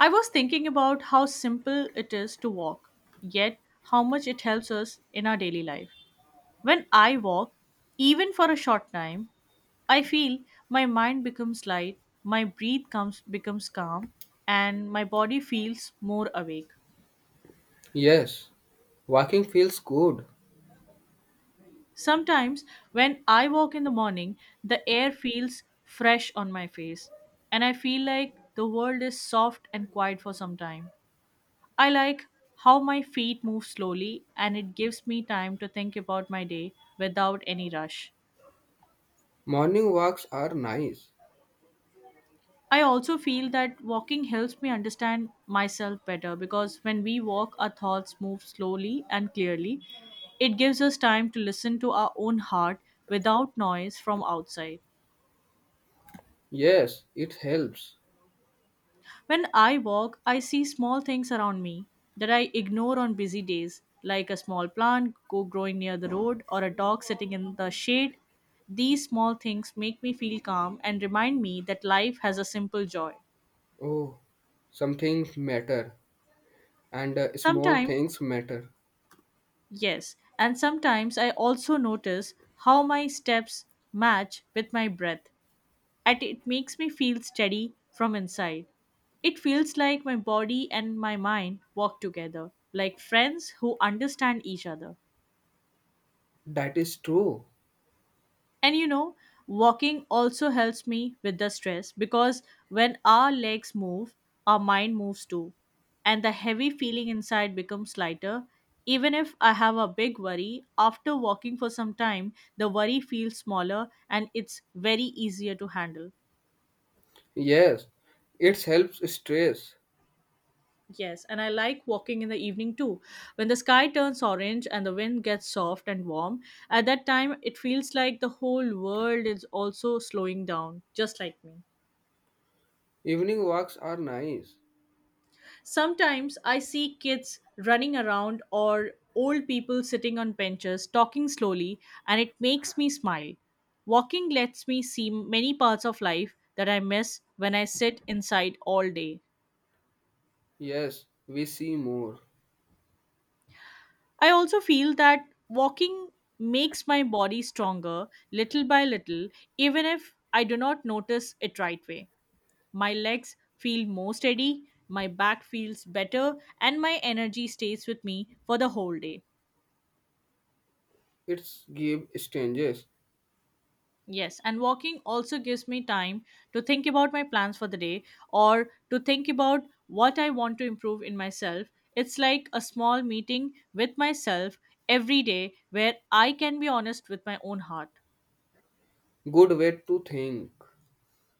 I was thinking about how simple it is to walk, yet how much it helps us in our daily life. When I walk, even for a short time, I feel my mind becomes light, my breath comes becomes calm, and my body feels more awake. Yes, walking feels good. Sometimes when I walk in the morning, the air feels fresh on my face, and I feel like the world is soft and quiet for some time. I like how my feet move slowly and it gives me time to think about my day without any rush. Morning walks are nice. I also feel that walking helps me understand myself better because when we walk, our thoughts move slowly and clearly. It gives us time to listen to our own heart without noise from outside. Yes, it helps. When I walk, I see small things around me that I ignore on busy days, like a small plant go growing near the road or a dog sitting in the shade. These small things make me feel calm and remind me that life has a simple joy. Oh, something matter and small Sometimes, things matter. yes, and sometimes I also notice how my steps match with my breath, and it makes me feel steady from inside. It feels like my body and my mind walk together, like friends who understand each other. That is true. And you know, walking also helps me with the stress because when our legs move, our mind moves too. And the heavy feeling inside becomes lighter. Even if I have a big worry, after walking for some time, the worry feels smaller and it's very easier to handle. Yes, it helps stress. Yes, and I like walking in the evening too. When the sky turns orange and the wind gets soft and warm, at that time it feels like the whole world is also slowing down, just like me. Evening walks are nice. Sometimes I see kids running around or old people sitting on benches talking slowly, and it makes me smile. Walking lets me see many parts of life that I miss when I sit inside all day. Yes, we see more. I also feel that walking makes my body stronger little by little, even if I do not notice it right way. My legs feel more steady, my back feels better, and my energy stays with me for the whole day. It's give strangers Yes, and walking also gives me time to think about my plans for the day or to think about what I want to improve in myself. It's like a small meeting with myself every day where I can be honest with my own heart. good way to think.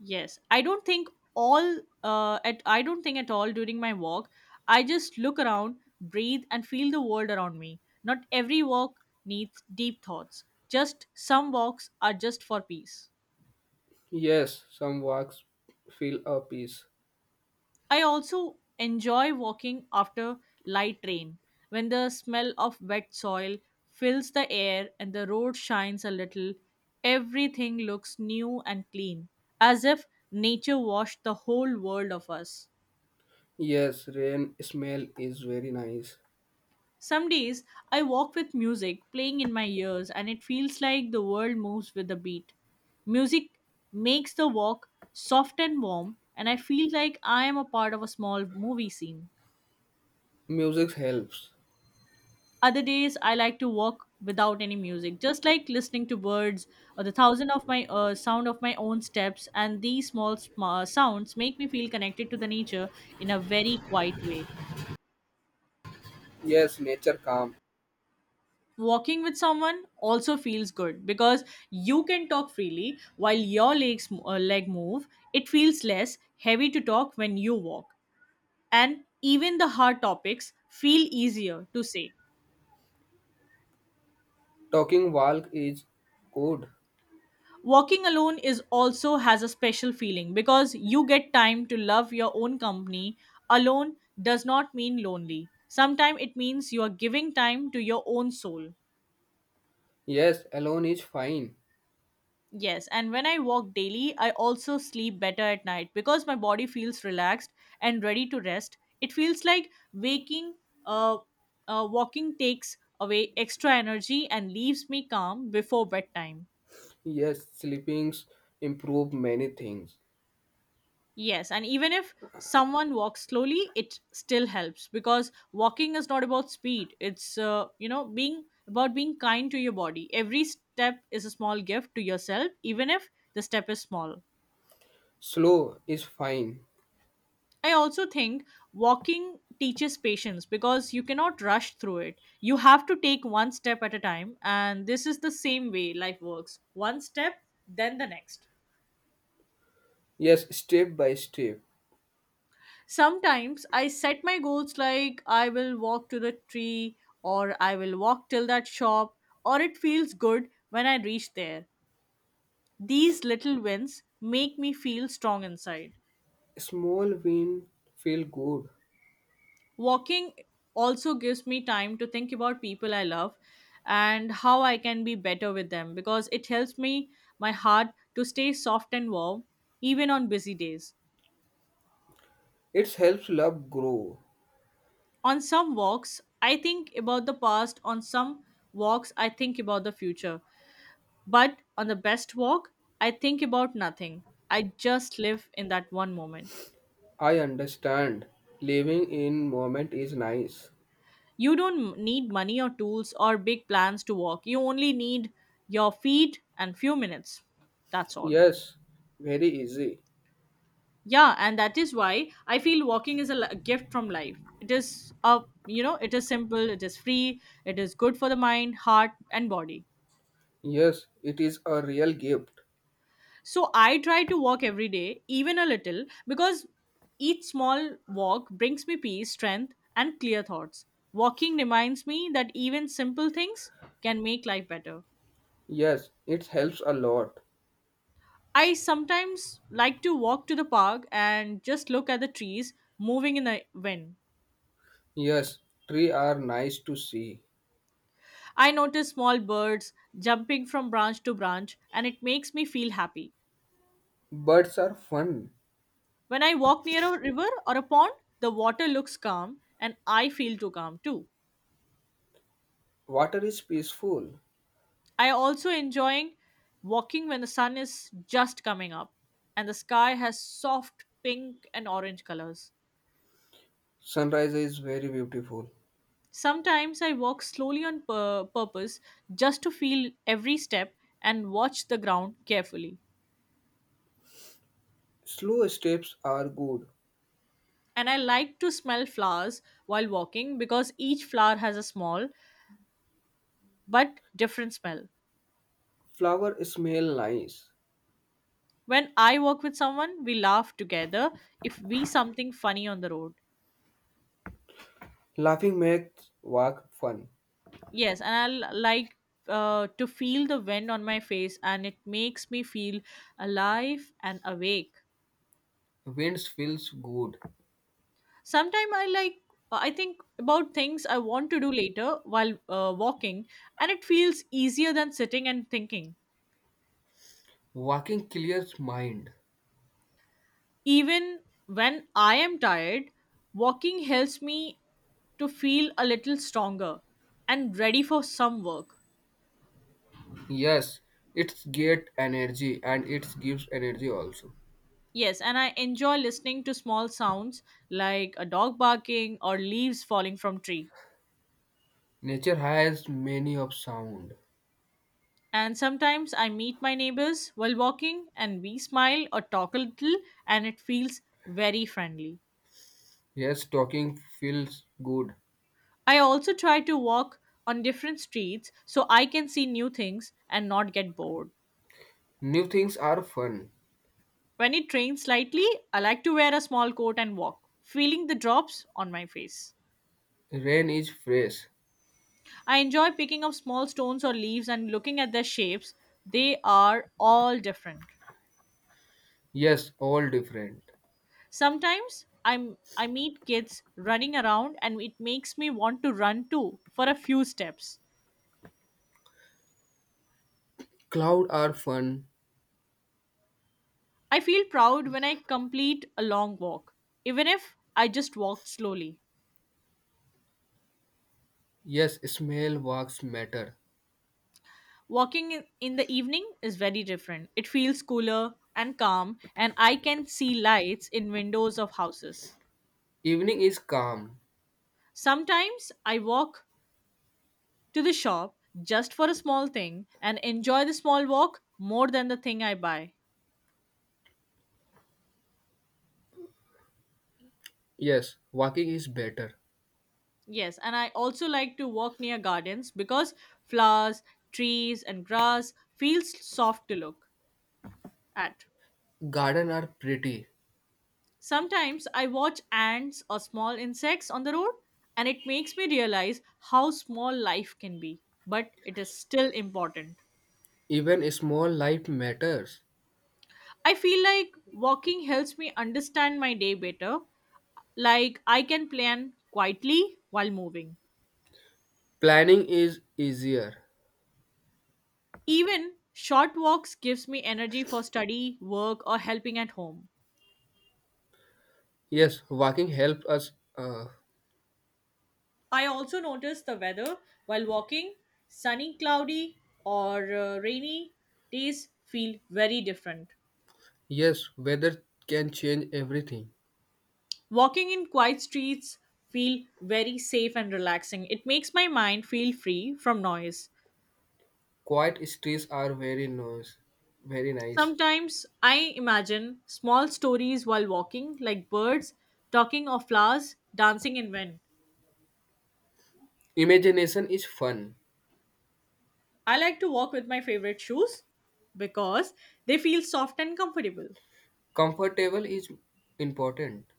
Yes, I don't think all at I don't think at all during my walk. I just look around, breathe, and feel the world around me. Not every walk needs deep thoughts. Just some walks are just for peace. Yes, some walks feel a peace. I also enjoy walking after light rain when the smell of wet soil fills the air and the road shines a little. Everything looks new and clean, as if nature washed the whole world of us. Yes, rain smell is very nice. Some days I walk with music playing in my ears and it feels like the world moves with the beat. Music makes the walk soft and warm, and I feel like I am a part of a small movie scene. Music helps. Other days I like to walk without any music, just like listening to birds or the thousand of my sound of my own steps, and these sounds make me feel connected to the nature in a very quiet way. Yes, nature calm. Walking with someone also feels good because you can talk freely while your leg move. It feels less heavy to talk when you walk, and even the hard topics feel easier to say. Talking walk is good. Walking alone is also has a special feeling because you get time to love your own company. Alone does not mean lonely. Sometimes it means you are giving time to your own soul. Yes, alone is fine. Yes, and when I walk daily, I also sleep better at night because my body feels relaxed and ready to rest. It feels like uh, walking takes away extra energy and leaves me calm before bedtime. Yes, sleepings improve many things. Yes, and even if someone walks slowly, it still helps because walking is not about speed. It's being about being kind to your body. Every step is a small gift to yourself, even if the step is small. Slow is fine. I also think walking teaches patience because you cannot rush through it. You have to take one step at a time, and this is the same way life works one step, then the next. Yes, step by step. Sometimes I set my goals like I will walk to the tree, or I will walk till that shop, or it feels good when I reach there. These little wins make me feel strong inside. Small win feel good. Walking also gives me time to think about people I love and how I can be better with them because it helps me, my heart, to stay soft and warm even on busy days. It helps love grow. On some walks, I think about the past, on some walks, I think about the future. But on the best walk, I think about nothing. I just live in that one moment. I understand. Living in moment is nice. You don't need money or tools or big plans to walk, you only need your feet and few minutes. That's all. Yes, very easy. Yeah, and that is why I feel walking is a gift from life. It is a, it is simple, it is free, it is good for the mind, heart and body. Yes, it is a real gift. So I try to walk every day even a little because each small walk brings me peace, strength and clear thoughts. Walking reminds me that even simple things can make life better. Yes, it helps a lot. I sometimes like to walk to the park and just look at the trees moving in the wind. Yes, tree are nice to see. I notice small birds jumping from branch to branch, and it makes me feel happy. Birds are fun. When I walk near a river or a pond, the water looks calm, and I feel too calm too. Water is peaceful. I also enjoying walking when the sun is just coming up, and the sky has soft pink and orange colors. Sunrise is very beautiful. Sometimes I walk slowly on purpose just to feel every step and watch the ground carefully. Slow steps are good. And I like to smell flowers while walking because each flower has a small but different smell. Flower smell nice. When I work with someone, we laugh together if we something funny on the road. Laughing makes walk fun. Yes, and I like to feel the wind on my face, and it makes me feel alive and awake. Winds feels good. Sometimes I like I think about things I want to do later while walking, and it feels easier than sitting and thinking. Walking clears mind. Even when I am tired, walking helps me to feel a little stronger and ready for some work. Yes, it get energy and it gives energy also. Yes, and I enjoy listening to small sounds like a dog barking or leaves falling from tree. Nature has many of sound. And sometimes I meet my neighbors while walking and we smile or talk a little and it feels very friendly. Yes, talking feels good. I also try to walk on different streets so I can see new things and not get bored. New things are fun. When it rains slightly, I like to wear a small coat and walk, feeling the drops on my face. Rain is fresh. I enjoy picking up small stones or leaves and looking at their shapes. They are all different. Yes, all different. Sometimes I meet kids running around and it makes me want to run too for a few steps. Cloud are fun. I feel proud when I complete a long walk, even if I just walked slowly. Yes, smell walks matter. Walking in the evening is very different. It feels cooler and calm, and I can see lights in windows of houses. Evening is calm. Sometimes I walk to the shop just for a small thing and enjoy the small walk more than the thing I buy. Yes, walking is better. Yes, and I also like to walk near gardens because flowers, trees, and grass feels soft to look at. Garden are pretty. Sometimes I watch ants or small insects on the road, and it makes me realize how small life can be, but it is still important. Even small life matters. I feel like walking helps me understand my day better, like I can plan quietly while moving. Planning is easier. Even short walks gives me energy for study, work or helping at home. Yes, walking helps us. Uh, I also notice the weather while walking. Sunny, cloudy or rainy days feel very different. yes, weather can change everything. Walking in quiet streets feel very safe and relaxing. It makes my mind feel free from noise. Quiet streets are very nice. Very nice. Sometimes I imagine small stories while walking, like birds talking or flowers dancing in wind. Imagination is fun. I like to walk with my favorite shoes because they feel soft and comfortable. Comfortable is important.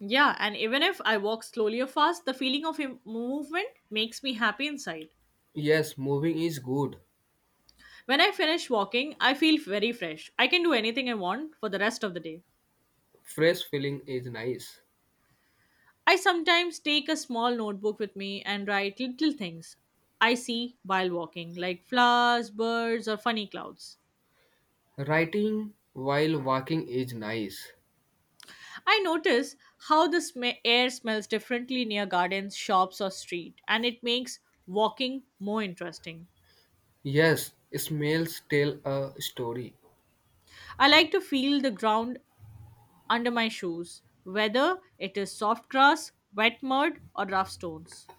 Yeah, and even if I walk slowly or fast, the feeling of movement makes me happy inside. Yes, moving is good. When I finish walking, I feel very fresh. I can do anything I want for the rest of the day. Fresh feeling is nice. I sometimes take a small notebook with me and write little things I see while walking, like flowers, birds, or funny clouds. Writing while walking is nice. I notice how the air smells differently near gardens, shops, or street, and it makes walking more interesting. Yes, smells tell a story. I like to feel the ground under my shoes, whether it is soft grass, wet mud, or rough stones.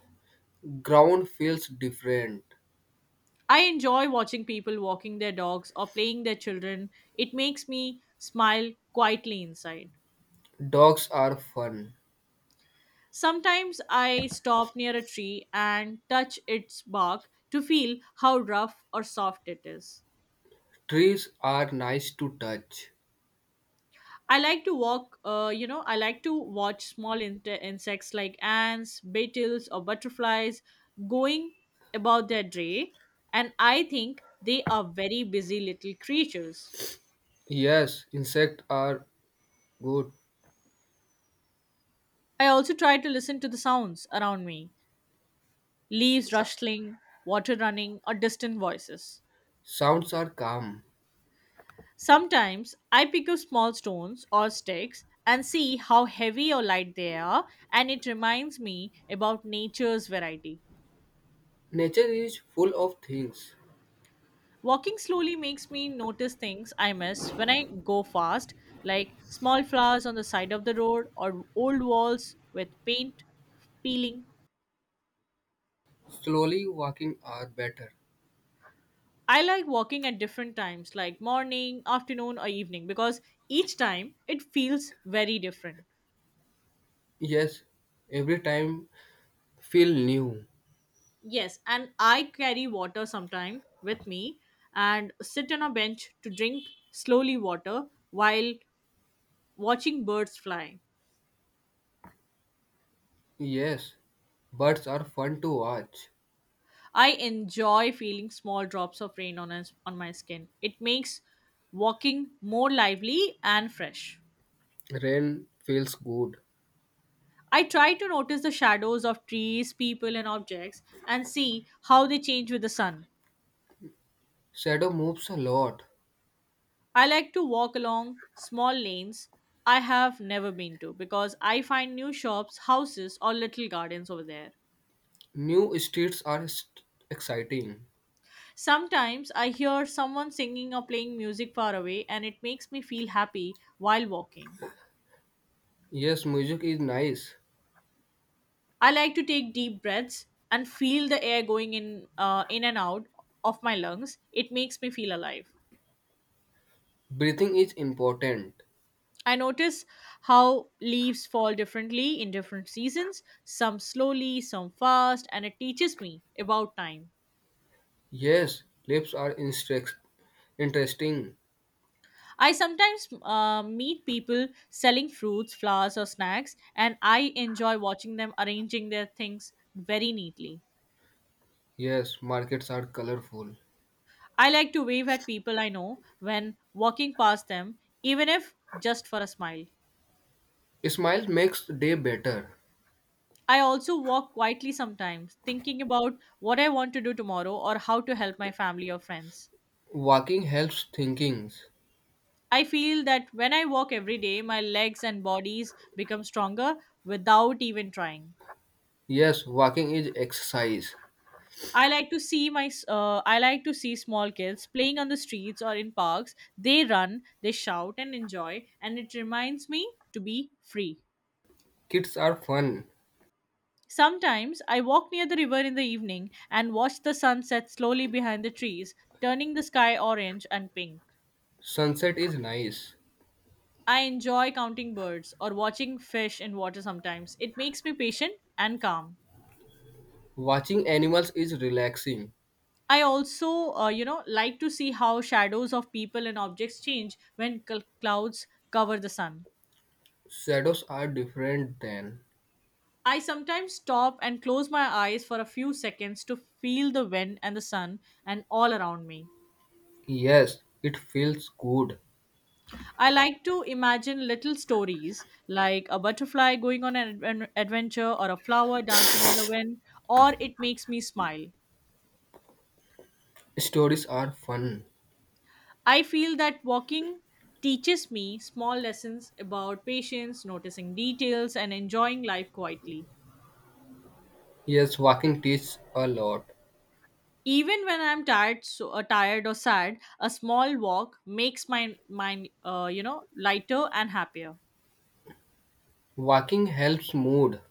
Ground feels different. I enjoy watching people walking their dogs or playing their children. It makes me smile quietly inside. Dogs are fun. Sometimes I stop near a tree and touch its bark to feel how rough or soft it is. Trees are nice to touch. I like to walk, I like to watch small insects like ants, beetles, or butterflies going about their day, and I think they are very busy little creatures. Yes, insects are good. I also try to listen to the sounds around me: leaves Sa- rustling, water running, or distant voices. Sounds are calm. Sometimes I pick up small stones or sticks and see how heavy or light they are, and it reminds me about nature's variety. Nature is full of things. Walking slowly makes me notice things I miss when I go fast, like small flowers on the side of the road or old walls with paint peeling. Slowly walking are better. I like walking at different times, like morning, afternoon, or evening, because each time it feels very different. Yes, every time feel new. Yes, and I carry water sometime with me and sit on a bench to drink slowly water while watching birds fly. Yes, birds are fun to watch. I enjoy feeling small drops of rain on us, on my skin. It makes walking more lively and fresh. Rain feels good. I try to notice the shadows of trees, people and objects and see how they change with the sun. Shadow moves a lot. I like to walk along small lanes I have never been to because I find new shops, houses, or little gardens over there. New streets are exciting. Sometimes I hear someone singing or playing music far away, and it makes me feel happy while walking. Yes, music is nice. I like to take deep breaths and feel the air going in and out of my lungs. It makes me feel alive. Breathing is important. I notice how leaves fall differently in different seasons, some slowly, some fast, and it teaches me about time. Yes, lips are interesting. I sometimes meet people selling fruits, flowers, or snacks, and I enjoy watching them arranging their things very neatly. Yes, markets are colorful. I like to wave at people I know when walking past them, even if just for a smile. Smile makes day better. I also walk quietly sometimes, thinking about what I want to do tomorrow or how to help my family or friends. Walking helps thinking. I feel that when I walk every day, my legs and bodies become stronger without even trying. Yes, walking is exercise. I like to see I like to see small kids playing on the streets or in parks. They run, they shout and enjoy and it reminds me to be free. Kids are fun. Sometimes I walk near the river in the evening and watch the sunset slowly behind the trees, turning the sky orange and pink. Sunset is nice. I enjoy counting birds or watching fish in water sometimes. It makes me patient and calm. Watching animals is relaxing. I also like to see how shadows of people and objects change when clouds cover the sun. Shadows are different than. I sometimes stop and close my eyes for a few seconds to feel the wind and the sun and all around me. Yes, it feels good. I like to imagine little stories like a butterfly going on an adventure or a flower dancing in the wind, or it makes me smile. Stories are fun. I feel that walking teaches me small lessons about patience, noticing details, and enjoying life quietly. Yes, walking teaches a lot. Even when I'm tired or sad, a small walk makes my mind lighter and happier. Walking helps mood.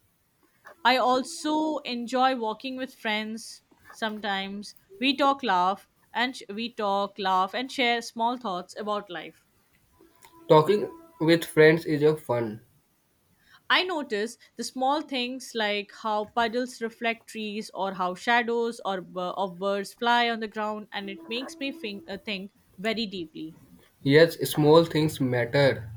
I also enjoy walking with friends. Sometimes we talk, laugh, and sh- we talk, laugh, and share small thoughts about life. Talking with friends is a fun. I notice the small things like how puddles reflect trees or how shadows of birds fly on the ground, and it makes me think very deeply. Yes, small things matter.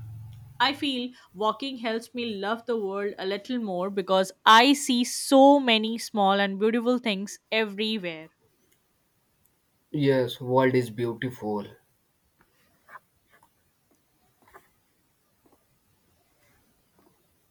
I feel walking helps me love the world a little more because I see so many small and beautiful things everywhere. Yes, world is beautiful.